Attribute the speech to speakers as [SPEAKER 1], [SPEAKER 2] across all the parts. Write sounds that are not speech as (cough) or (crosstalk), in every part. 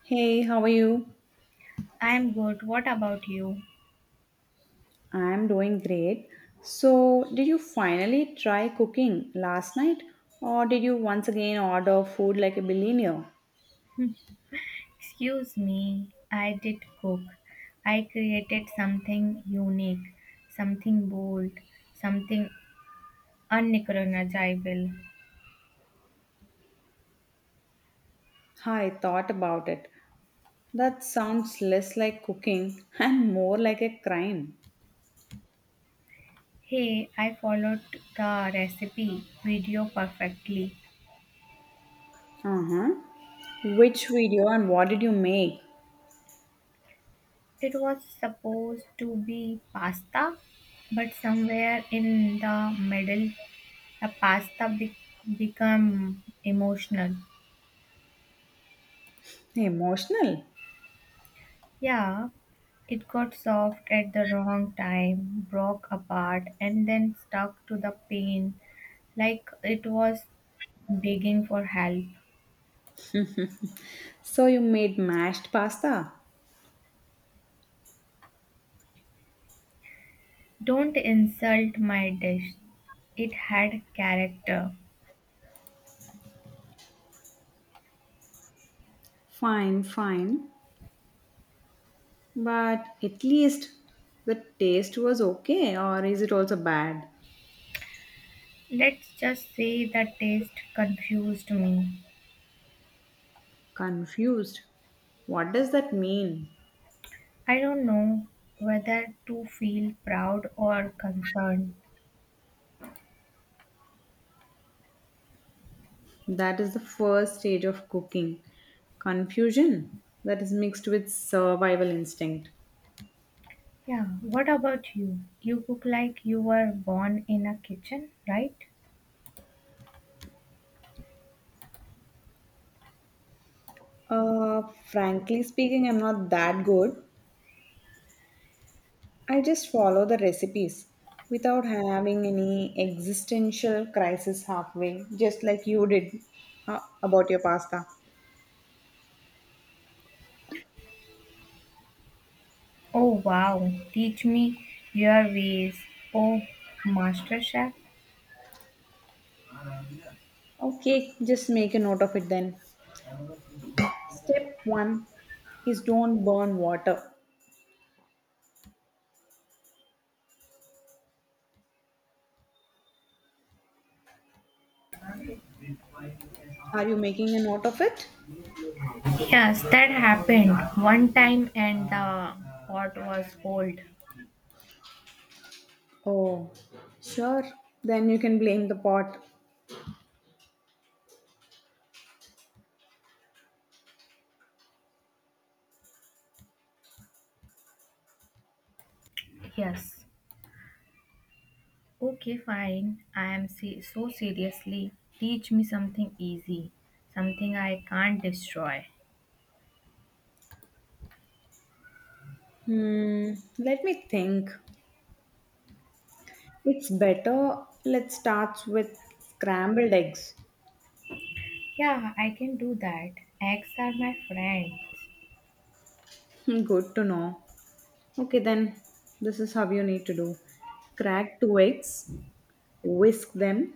[SPEAKER 1] Hey, how are you?
[SPEAKER 2] I'm good. What about you?
[SPEAKER 1] I'm doing great. So, did you finally try cooking last night, or did you once again order food like a billionaire?
[SPEAKER 2] Excuse me, I did cook. I created something unique, something bold, something unrecognizable.
[SPEAKER 1] I thought about it. That sounds less like cooking (laughs) and more like a crime.
[SPEAKER 2] Hey, I followed the recipe video perfectly.
[SPEAKER 1] Uh huh. Which video and what did you make?
[SPEAKER 2] It was supposed to be pasta, but somewhere in the middle, the became emotional.
[SPEAKER 1] Emotional.
[SPEAKER 2] Yeah, it got soft at the wrong time, broke apart, and then stuck to the pain like it was begging for help.
[SPEAKER 1] So, you made mashed pasta?
[SPEAKER 2] Don't insult my dish. It had character.
[SPEAKER 1] Fine, fine. But at least the taste was okay, or is it also bad?
[SPEAKER 2] Let's just say the taste confused me.
[SPEAKER 1] Confused. What does that mean?
[SPEAKER 2] I don't know whether to feel proud or concerned.
[SPEAKER 1] That is the first stage of cooking. Confusion that is mixed with survival instinct.
[SPEAKER 2] Yeah, what about you? You cook like you were born in a kitchen, right?
[SPEAKER 1] Frankly speaking, I'm not that good. I just follow the recipes without having any existential crisis halfway, just like you did, about your pasta.
[SPEAKER 2] Oh wow, teach me your ways. Oh, Master Chef.
[SPEAKER 1] Okay, just make a note of it then. Step one is don't burn water. Are you making a note of it?
[SPEAKER 2] Yes, that happened one time and the pot was old.
[SPEAKER 1] Oh, sure. Then you can blame the pot.
[SPEAKER 2] Yes. Okay, fine. So seriously, teach me something easy, something I can't destroy.
[SPEAKER 1] Hmm, Let me think. It's better. Let's start with scrambled eggs.
[SPEAKER 2] Yeah, I can do that. Eggs are my friends.
[SPEAKER 1] Good to know. Okay, then this is how you need to do: crack two eggs, whisk them,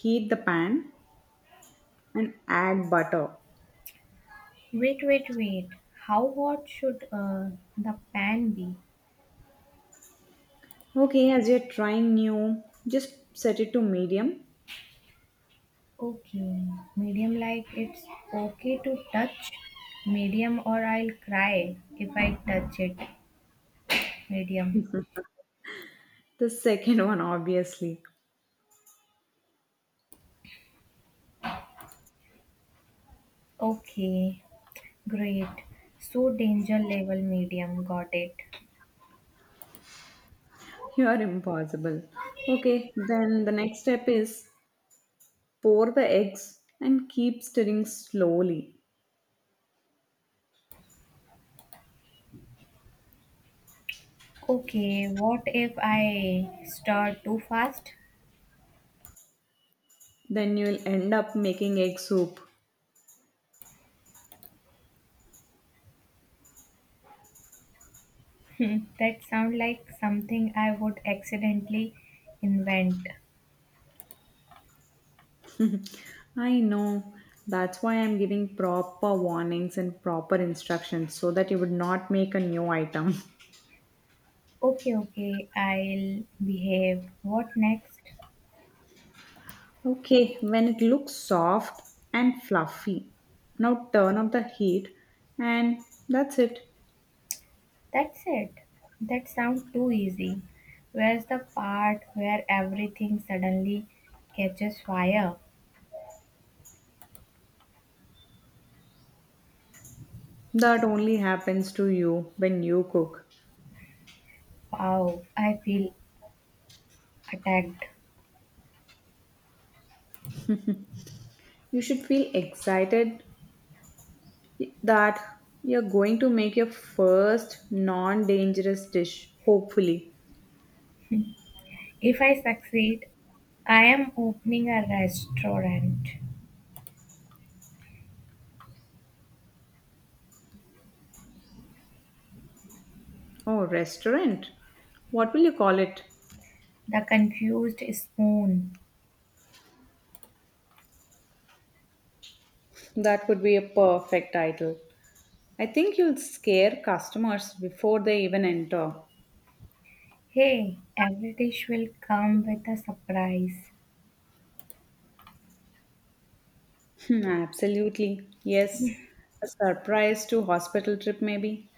[SPEAKER 1] heat the pan, and add butter.
[SPEAKER 2] Wait, wait, wait. How hot should the pan be?
[SPEAKER 1] Okay, as you're trying new, just set it to medium.
[SPEAKER 2] Okay. Medium like it's okay to touch. Medium or I'll cry if I touch it. Medium.
[SPEAKER 1] The second (laughs) one, obviously.
[SPEAKER 2] Okay. Great. So danger level medium. Got it.
[SPEAKER 1] You are impossible. Okay, then the next step is: pour the eggs and keep stirring slowly.
[SPEAKER 2] Okay. What if I stir too fast?
[SPEAKER 1] Then you'll end up making egg soup.
[SPEAKER 2] That sound like something I would accidentally invent.
[SPEAKER 1] I know. That's why I'm giving proper warnings and proper instructions so that you would not make a new item. (laughs)
[SPEAKER 2] Okay, okay. I'll behave. What next?
[SPEAKER 1] Okay, when it looks soft and fluffy, now turn up the heat, and that's it.
[SPEAKER 2] That's it. That sounds too easy. Where's the part where everything suddenly catches fire?
[SPEAKER 1] That only happens to you when you cook.
[SPEAKER 2] Wow, I feel attacked.
[SPEAKER 1] You should feel excited that you're going to make your first non dangerous dish, hopefully.
[SPEAKER 2] If I succeed, I am opening a restaurant.
[SPEAKER 1] Oh, restaurant? What will you call it?
[SPEAKER 2] The confused spoon.
[SPEAKER 1] That would be a perfect title. I think you'll scare customers before they even enter.
[SPEAKER 2] Hey, every dish will come with a surprise.
[SPEAKER 1] Absolutely. Yes. A surprise to hospital trip, maybe?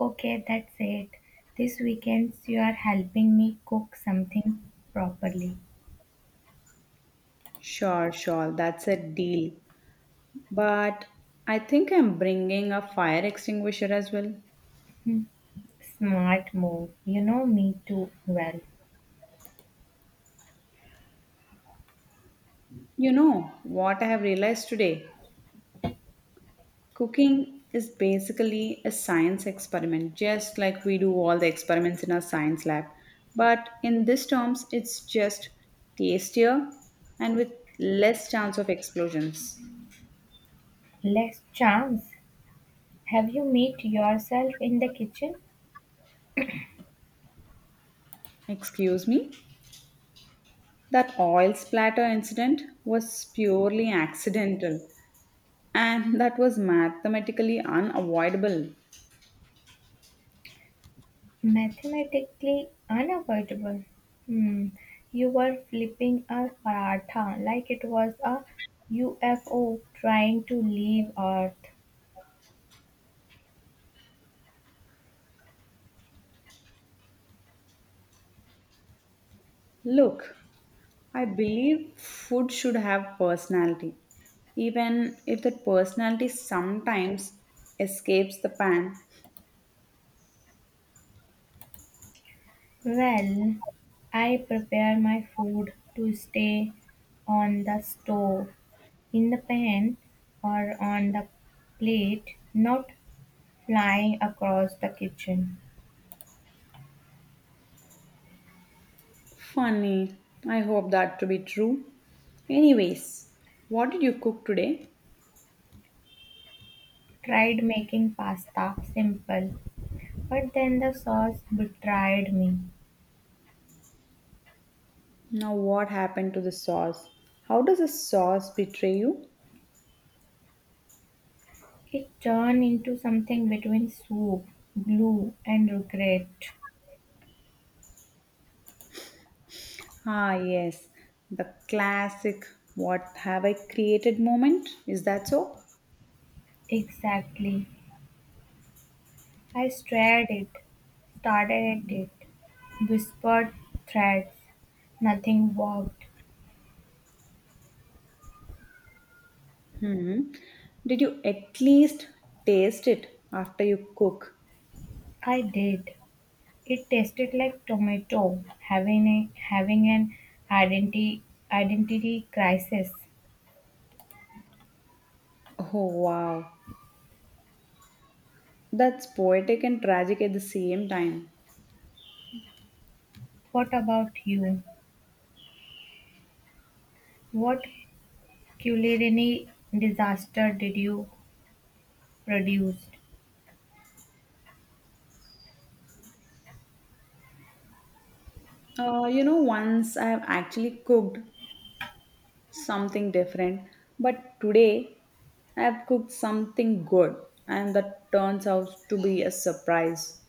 [SPEAKER 2] Okay, that's it. This weekend you are helping me cook something properly.
[SPEAKER 1] Sure, sure. That's a deal. But I think I'm bringing a fire extinguisher as well.
[SPEAKER 2] Smart move. You know me too well.
[SPEAKER 1] You know what I have realized today? Cooking is basically a science experiment, just like we do all the experiments in our science lab. But in this terms, it's just tastier and with less chance of explosions.
[SPEAKER 2] Less chance, have you met yourself in the kitchen?
[SPEAKER 1] Excuse me? That oil splatter incident was purely accidental and that was mathematically unavoidable.
[SPEAKER 2] Mathematically unavoidable. Hmm. You were flipping a paratha like it was a UFO trying to leave Earth.
[SPEAKER 1] Look, I believe food should have personality, even if that personality sometimes escapes the pan.
[SPEAKER 2] Well, I prepare my food to stay on the stove, in the pan, or on the plate, not flying across the kitchen.
[SPEAKER 1] Funny, I hope that to be true. Anyways, what did you cook today?
[SPEAKER 2] Tried making pasta simple, but then the sauce betrayed me.
[SPEAKER 1] Now, what happened to the sauce? How does the sauce betray you?
[SPEAKER 2] It turned into something between soup, glue, and regret.
[SPEAKER 1] Ah, yes, the classic what have I created moment. Is that so?
[SPEAKER 2] Exactly. I stared at it, started at it, whispered threats. Nothing worked.
[SPEAKER 1] Hmm. Did you at least taste it after you cook?
[SPEAKER 2] I did. It tasted like tomato, having an identity identity crisis.
[SPEAKER 1] Oh wow, that's poetic and tragic at the same time.
[SPEAKER 2] What about you? What culinary disaster did you produce?
[SPEAKER 1] You know, once I have actually cooked something different, but today I have cooked something good, and that turns out to be a surprise.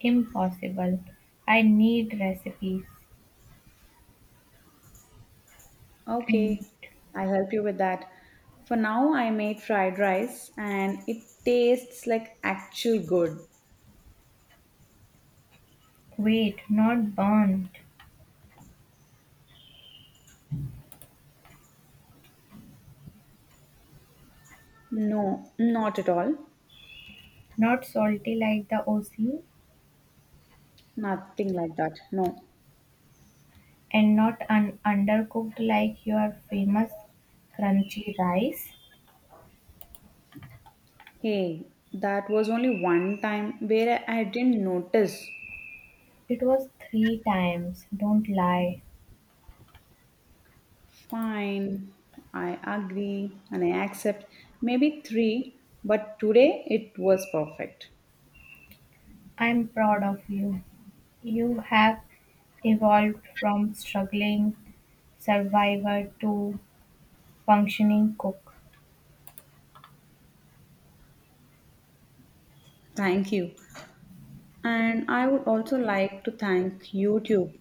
[SPEAKER 2] Impossible. I need recipes.
[SPEAKER 1] Okay,
[SPEAKER 2] And
[SPEAKER 1] I'll help you with that. For now, I made fried rice, and it tastes like actual good.
[SPEAKER 2] wait, not burnt,
[SPEAKER 1] No, not at all.
[SPEAKER 2] not salty like the OC,
[SPEAKER 1] Nothing like that. No.
[SPEAKER 2] and not undercooked like your famous crunchy rice.
[SPEAKER 1] Hey, that was only one time where I didn't notice.
[SPEAKER 2] It was three times. Don't lie.
[SPEAKER 1] Fine, I agree and I accept. Maybe three, but today it was perfect.
[SPEAKER 2] I'm proud of you. You have evolved from struggling survivor to functioning cook.
[SPEAKER 1] Thank you. And I would also like to thank YouTube,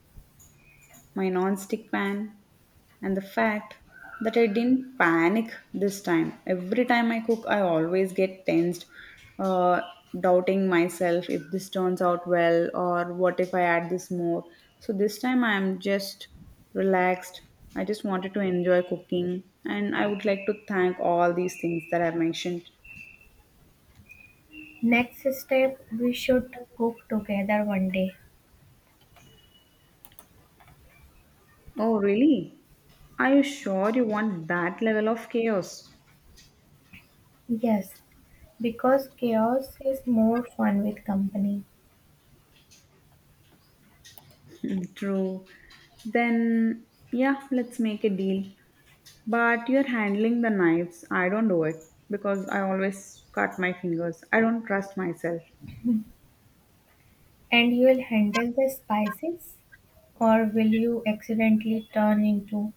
[SPEAKER 1] my non-stick pan, and the fact that I didn't panic this time. Every time I cook, I always get tensed, uh, doubting myself if this turns out well or what if I add this more. So this time I am just relaxed. I just wanted to enjoy cooking, and I would like to thank all these things that I've mentioned.
[SPEAKER 2] Next step, we should cook together one day.
[SPEAKER 1] Oh, really? Are you sure you want that level of chaos?
[SPEAKER 2] Yes, because chaos is more fun with company.
[SPEAKER 1] (laughs) True. Then, yeah, let's make a deal. But you're handling the knives. I don't do it because I always cut my fingers. I don't trust myself.
[SPEAKER 2] And you'll handle the spices? Or will you accidentally turn into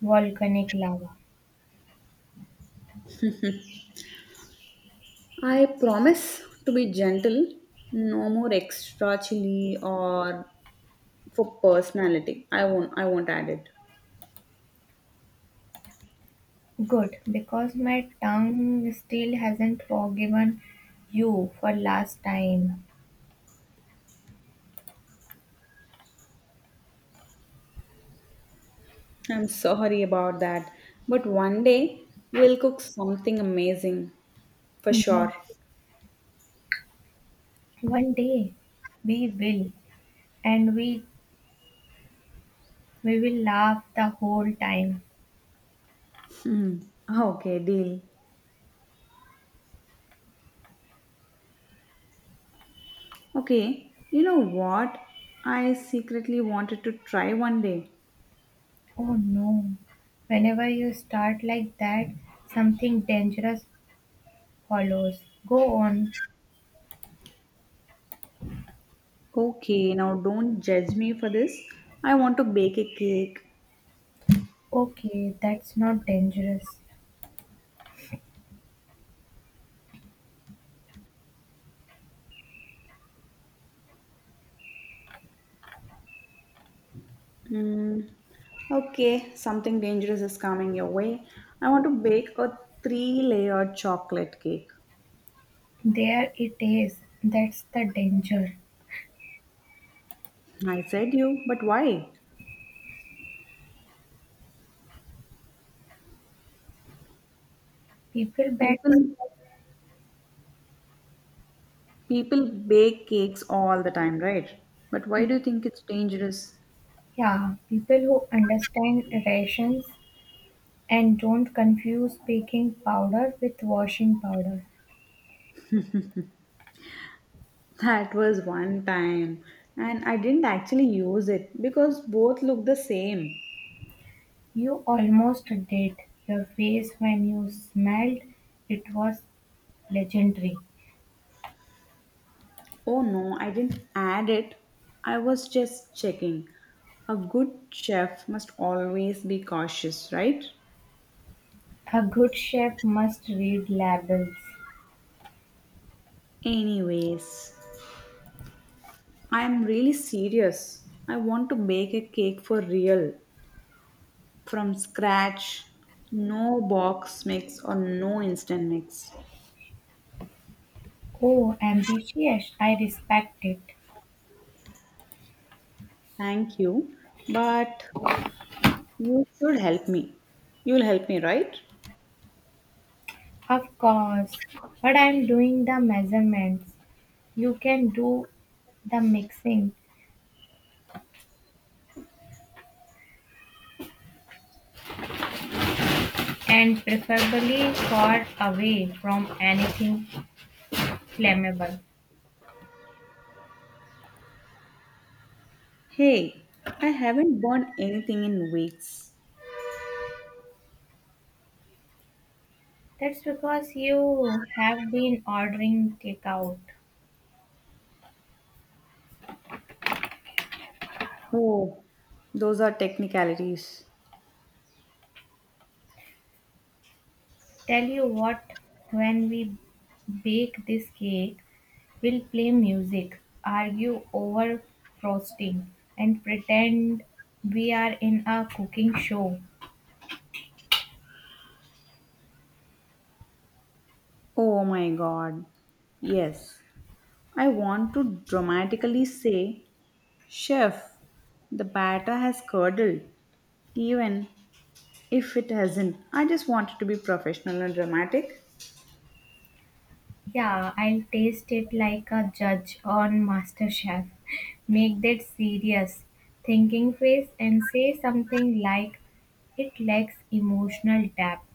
[SPEAKER 2] volcanic lava?
[SPEAKER 1] I promise to be gentle. No more extra chili or for personality. I won't add it.
[SPEAKER 2] Good, because my tongue still hasn't forgiven you for last time.
[SPEAKER 1] I'm sorry about that. But one day we'll cook something amazing for
[SPEAKER 2] But
[SPEAKER 1] sure.
[SPEAKER 2] one day we will, and we will laugh the whole time.
[SPEAKER 1] Hmm. Okay, deal. Okay, you know what? I secretly wanted to try one day.
[SPEAKER 2] Oh no. Whenever you start like that, something dangerous follows. Go on.
[SPEAKER 1] Okay, now don't judge me for this. I want to bake a cake.
[SPEAKER 2] Okay, that's not dangerous.
[SPEAKER 1] Mm, okay, something dangerous is coming your way. I want to bake a three layer chocolate cake.
[SPEAKER 2] There it is. That's the danger.
[SPEAKER 1] I said you, but why?
[SPEAKER 2] People
[SPEAKER 1] People
[SPEAKER 2] backs,
[SPEAKER 1] people bake cakes all the time, right? But why do you think it's dangerous?
[SPEAKER 2] yeah, people who understand rations and don't confuse baking powder with washing powder.
[SPEAKER 1] (laughs) That was one time and I didn't actually use it because both look the same.
[SPEAKER 2] You almost did. Your face when you smelled it was legendary.
[SPEAKER 1] Oh no, I didn't add it. I was just checking. A good chef must always be cautious, right?
[SPEAKER 2] A good chef must read labels.
[SPEAKER 1] Anyways, I'm really serious. I want to bake a cake for real from scratch. No box mix or no instant mix.
[SPEAKER 2] Oh, ambitious. I respect it.
[SPEAKER 1] Thank you, but you should help me. You'll help me, right?
[SPEAKER 2] Of course. But I'm doing the measurements. You can do the mixing, and preferably far away from anything flammable.
[SPEAKER 1] Hey, I haven't burned anything in weeks.
[SPEAKER 2] That's because you have been ordering takeout.
[SPEAKER 1] Oh, those are technicalities.
[SPEAKER 2] Tell you what, when we bake this cake, we'll play music, argue over frosting, and pretend we are in a cooking show.
[SPEAKER 1] Oh my god. Yes. I want to dramatically say, Chef, the batter has curdled, even if it hasn't. I just want it to be professional and dramatic.
[SPEAKER 2] Yeah, I'll taste it like a judge on MasterChef. Make that serious thinking face and say something like, it lacks emotional depth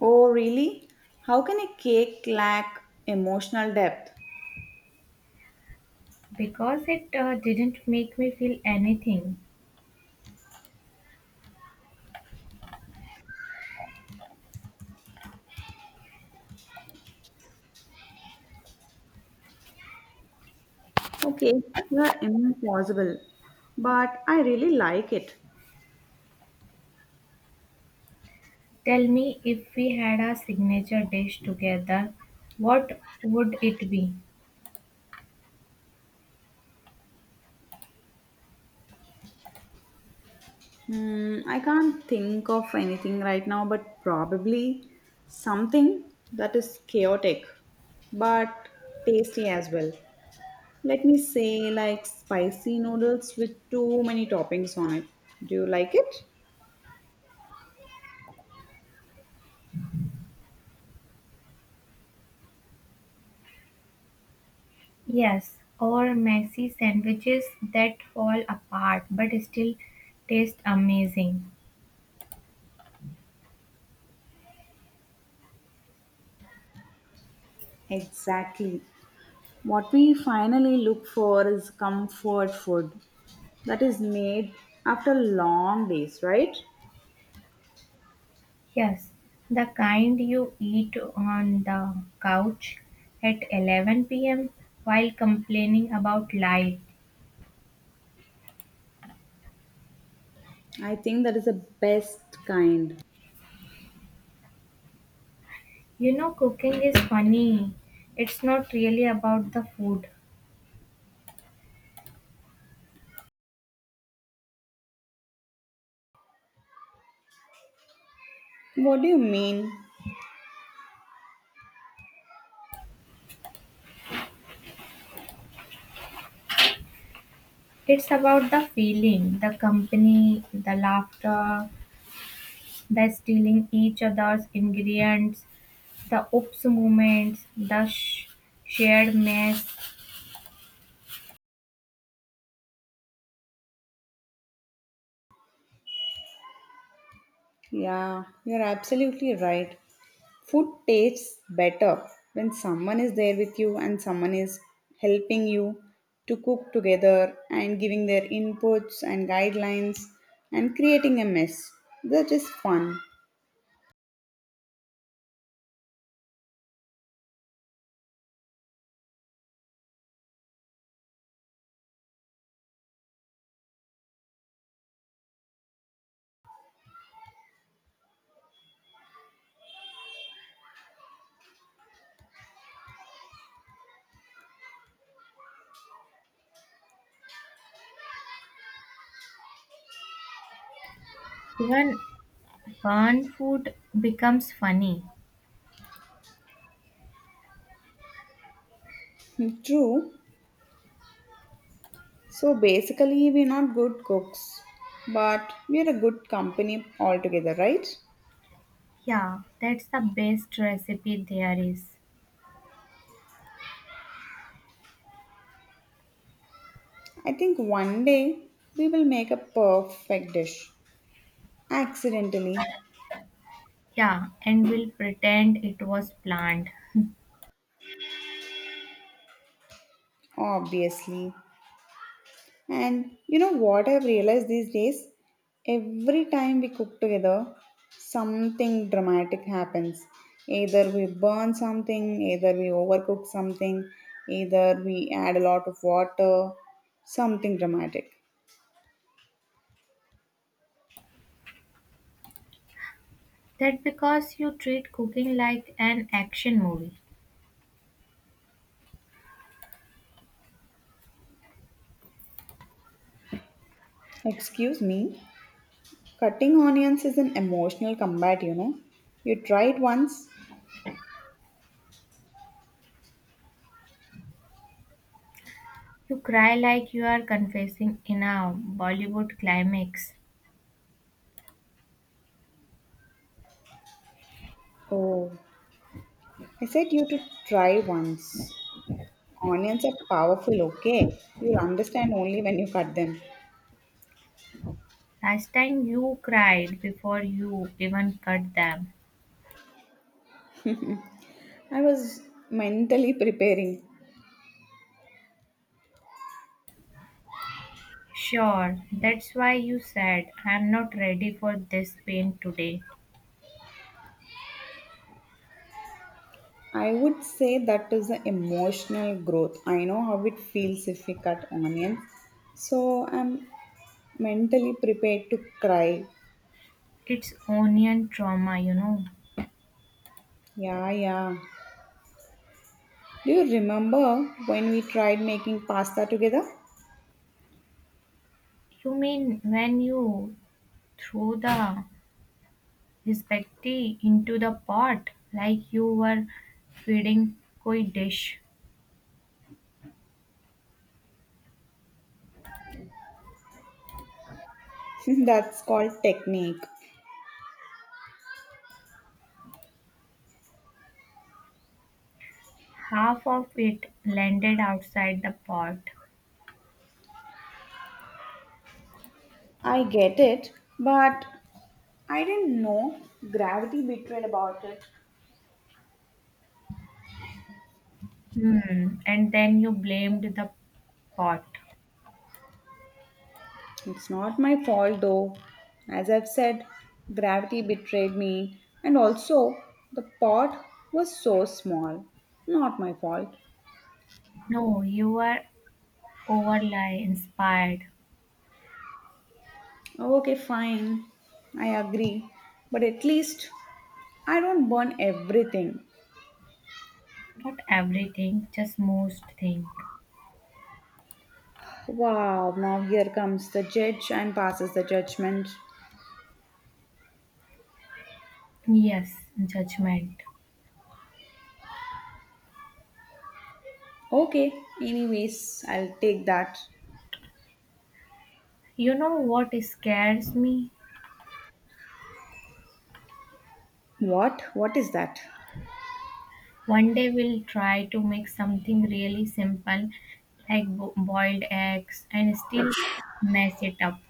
[SPEAKER 1] Oh, really? How can a cake lack emotional depth?
[SPEAKER 2] because it didn't make me feel anything.
[SPEAKER 1] Okay, you're impossible, but I really like it.
[SPEAKER 2] Tell me, if we had a signature dish together, what would it be?
[SPEAKER 1] I can't think of anything right now, but probably something that is chaotic but tasty as well. Let me say, like spicy noodles with too many toppings on it. Do you like it?
[SPEAKER 2] Yes, or messy sandwiches that fall apart but still taste amazing.
[SPEAKER 1] Exactly. What we finally look for is comfort food that is made after long days, right?
[SPEAKER 2] Yes, the kind you eat on the couch at 11 p.m. while complaining about life.
[SPEAKER 1] I think that is the best kind.
[SPEAKER 2] You know, cooking is funny. It's not really about the food,
[SPEAKER 1] What do you mean?
[SPEAKER 2] it's about the feeling, the company, the laughter, the stealing each other's ingredients, the oops moments, the shared mess.
[SPEAKER 1] Yeah, you're absolutely right. Food tastes better when someone is there with you and someone is helping you to cook together and giving their inputs and guidelines and creating a mess. That is fun.
[SPEAKER 2] Even fun food becomes funny.
[SPEAKER 1] (laughs) True. So basically, we're not good cooks, but we're a good company altogether, right?
[SPEAKER 2] Yeah, that's the best recipe there is.
[SPEAKER 1] I think one day we will make a perfect dish. Accidentally,
[SPEAKER 2] Yeah, and we'll pretend it was planned.
[SPEAKER 1] obviously. And you know what I've realized these days? Every time we cook together, something dramatic happens. Either we burn something, either we overcook something, either we add a lot of water, something dramatic.
[SPEAKER 2] That because you treat cooking like an action movie.
[SPEAKER 1] Excuse me, cutting onions is an emotional combat, you know. You try it once.
[SPEAKER 2] You cry like you are confessing in a Bollywood climax.
[SPEAKER 1] Oh, I said you to try once. Onions are powerful, okay? You'll understand only when you cut them.
[SPEAKER 2] Last time you cried before you even cut them.
[SPEAKER 1] I was mentally preparing.
[SPEAKER 2] Sure, that's why you said I'm not ready for this pain today.
[SPEAKER 1] I would say that is the emotional growth. I know how it feels if we cut onions. So I'm mentally prepared to cry.
[SPEAKER 2] It's onion trauma, you know.
[SPEAKER 1] Yeah, yeah. Do you remember when we tried making pasta together?
[SPEAKER 2] You mean when you throw the Respecte into the pot like you were feeding koi dish.
[SPEAKER 1] (laughs) That's called technique.
[SPEAKER 2] Half of it landed outside the pot.
[SPEAKER 1] I get it, but I didn't know gravity betrayed about it.
[SPEAKER 2] Hmm. And then you blamed the pot.
[SPEAKER 1] It's not my fault though. As I've said, gravity betrayed me, and also the pot was so small. Not my fault.
[SPEAKER 2] No, you were overly inspired.
[SPEAKER 1] Okay, fine. I agree. But at least I don't burn everything.
[SPEAKER 2] Not everything, just most things.
[SPEAKER 1] Wow, now here comes the judge and passes the judgment.
[SPEAKER 2] Yes, judgment.
[SPEAKER 1] Okay, anyways, I'll take that.
[SPEAKER 2] You know what scares me?
[SPEAKER 1] What? What is that?
[SPEAKER 2] One day we'll try to make something really simple like boiled eggs and still mess it up.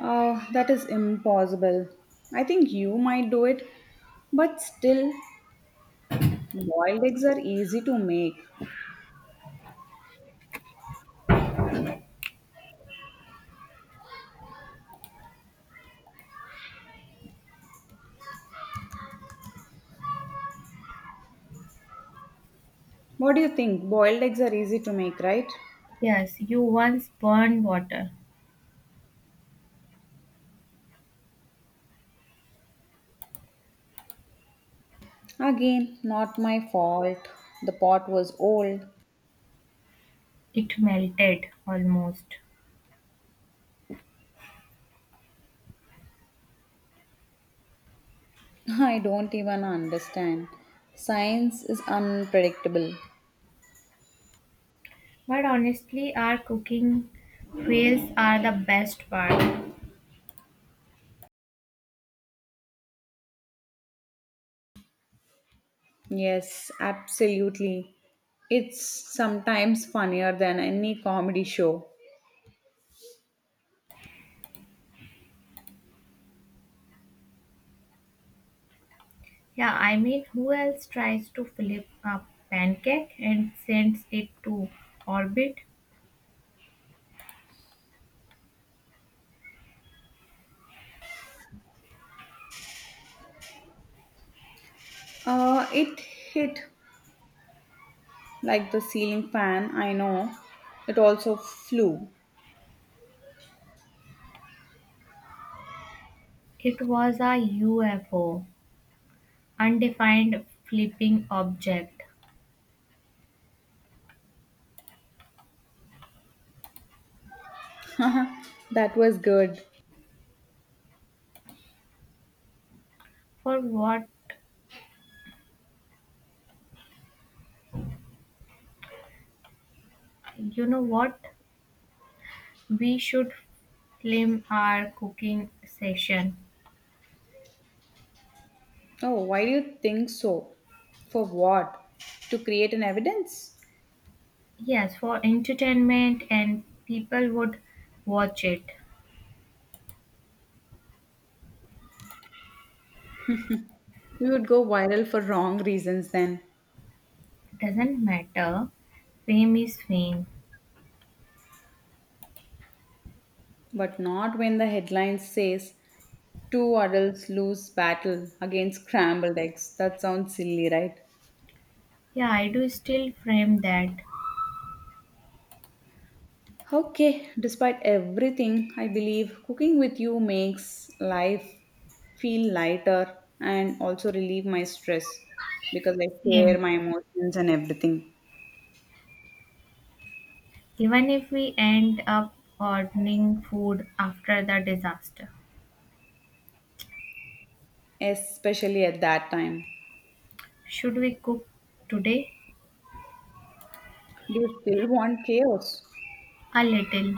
[SPEAKER 1] Oh, that is impossible. I think you might do it, but still, boiled eggs are easy to make. What do you think? Boiled eggs are easy to make, right?
[SPEAKER 2] Yes, you once burned water.
[SPEAKER 1] Again, not my fault. The pot was old.
[SPEAKER 2] It melted almost.
[SPEAKER 1] (laughs) I don't even understand. Science is unpredictable.
[SPEAKER 2] But honestly, our cooking fails are the best part.
[SPEAKER 1] Yes, absolutely. It's sometimes funnier than any comedy show.
[SPEAKER 2] Yeah, I mean, who else tries to flip a pancake and sends it to orbit?
[SPEAKER 1] It hit like the ceiling fan, I know. It also flew.
[SPEAKER 2] It was a UFO, undefined flipping object.
[SPEAKER 1] (laughs) That was good.
[SPEAKER 2] For what? You know what? We should film our cooking session.
[SPEAKER 1] Oh, why do you think so? For what? To create an evidence?
[SPEAKER 2] Yes, for entertainment and people would watch it.
[SPEAKER 1] We would go viral for wrong reasons then,
[SPEAKER 2] Doesn't matter. Fame is fame.
[SPEAKER 1] but not when the headline says two adults lose battle against scrambled eggs. That sounds silly, right?
[SPEAKER 2] Yeah, I do still frame that.
[SPEAKER 1] Okay, despite everything, I believe cooking with you makes life feel lighter and also relieve my stress because I
[SPEAKER 2] Fame.
[SPEAKER 1] share my emotions and everything,
[SPEAKER 2] Even if we end up ordering food after the disaster.
[SPEAKER 1] especially at that time.
[SPEAKER 2] Should we cook today?
[SPEAKER 1] Do you still want chaos?
[SPEAKER 2] A little.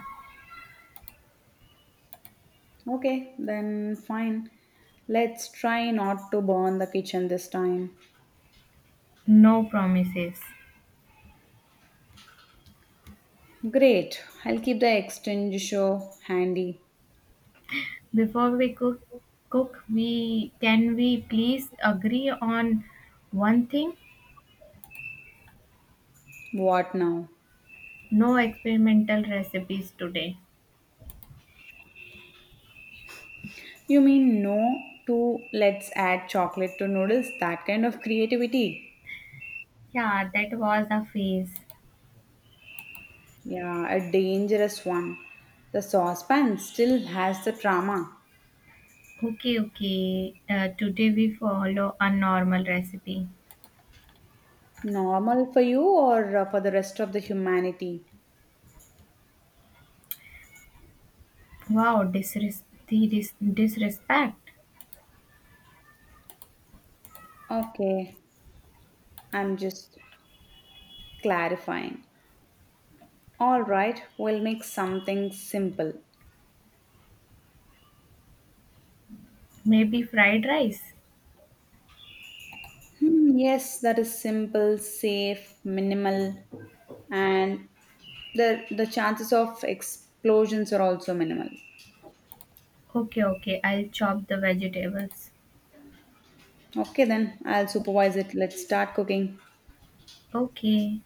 [SPEAKER 1] Okay, then fine. Let's try not to burn the kitchen this time.
[SPEAKER 2] No promises.
[SPEAKER 1] Great. I'll keep the extinguisher handy.
[SPEAKER 2] Before we cook, we can we please agree on one thing?
[SPEAKER 1] What now?
[SPEAKER 2] No experimental recipes today.
[SPEAKER 1] You mean no to let's add chocolate to noodles? That kind of creativity.
[SPEAKER 2] Yeah, that was a phase.
[SPEAKER 1] Yeah, a dangerous one. The saucepan still has the trauma.
[SPEAKER 2] Okay, okay. Today we follow a normal recipe.
[SPEAKER 1] Normal for you or for the rest of the humanity?
[SPEAKER 2] Wow, disrespect.
[SPEAKER 1] Okay, I'm just clarifying. All right, we'll make something simple.
[SPEAKER 2] Maybe fried rice.
[SPEAKER 1] Hmm, yes, that is simple, safe, minimal, and the chances of explosions are also minimal.
[SPEAKER 2] Okay, okay. I'll chop the vegetables.
[SPEAKER 1] Okay, then I'll supervise it. Let's start cooking.
[SPEAKER 2] Okay.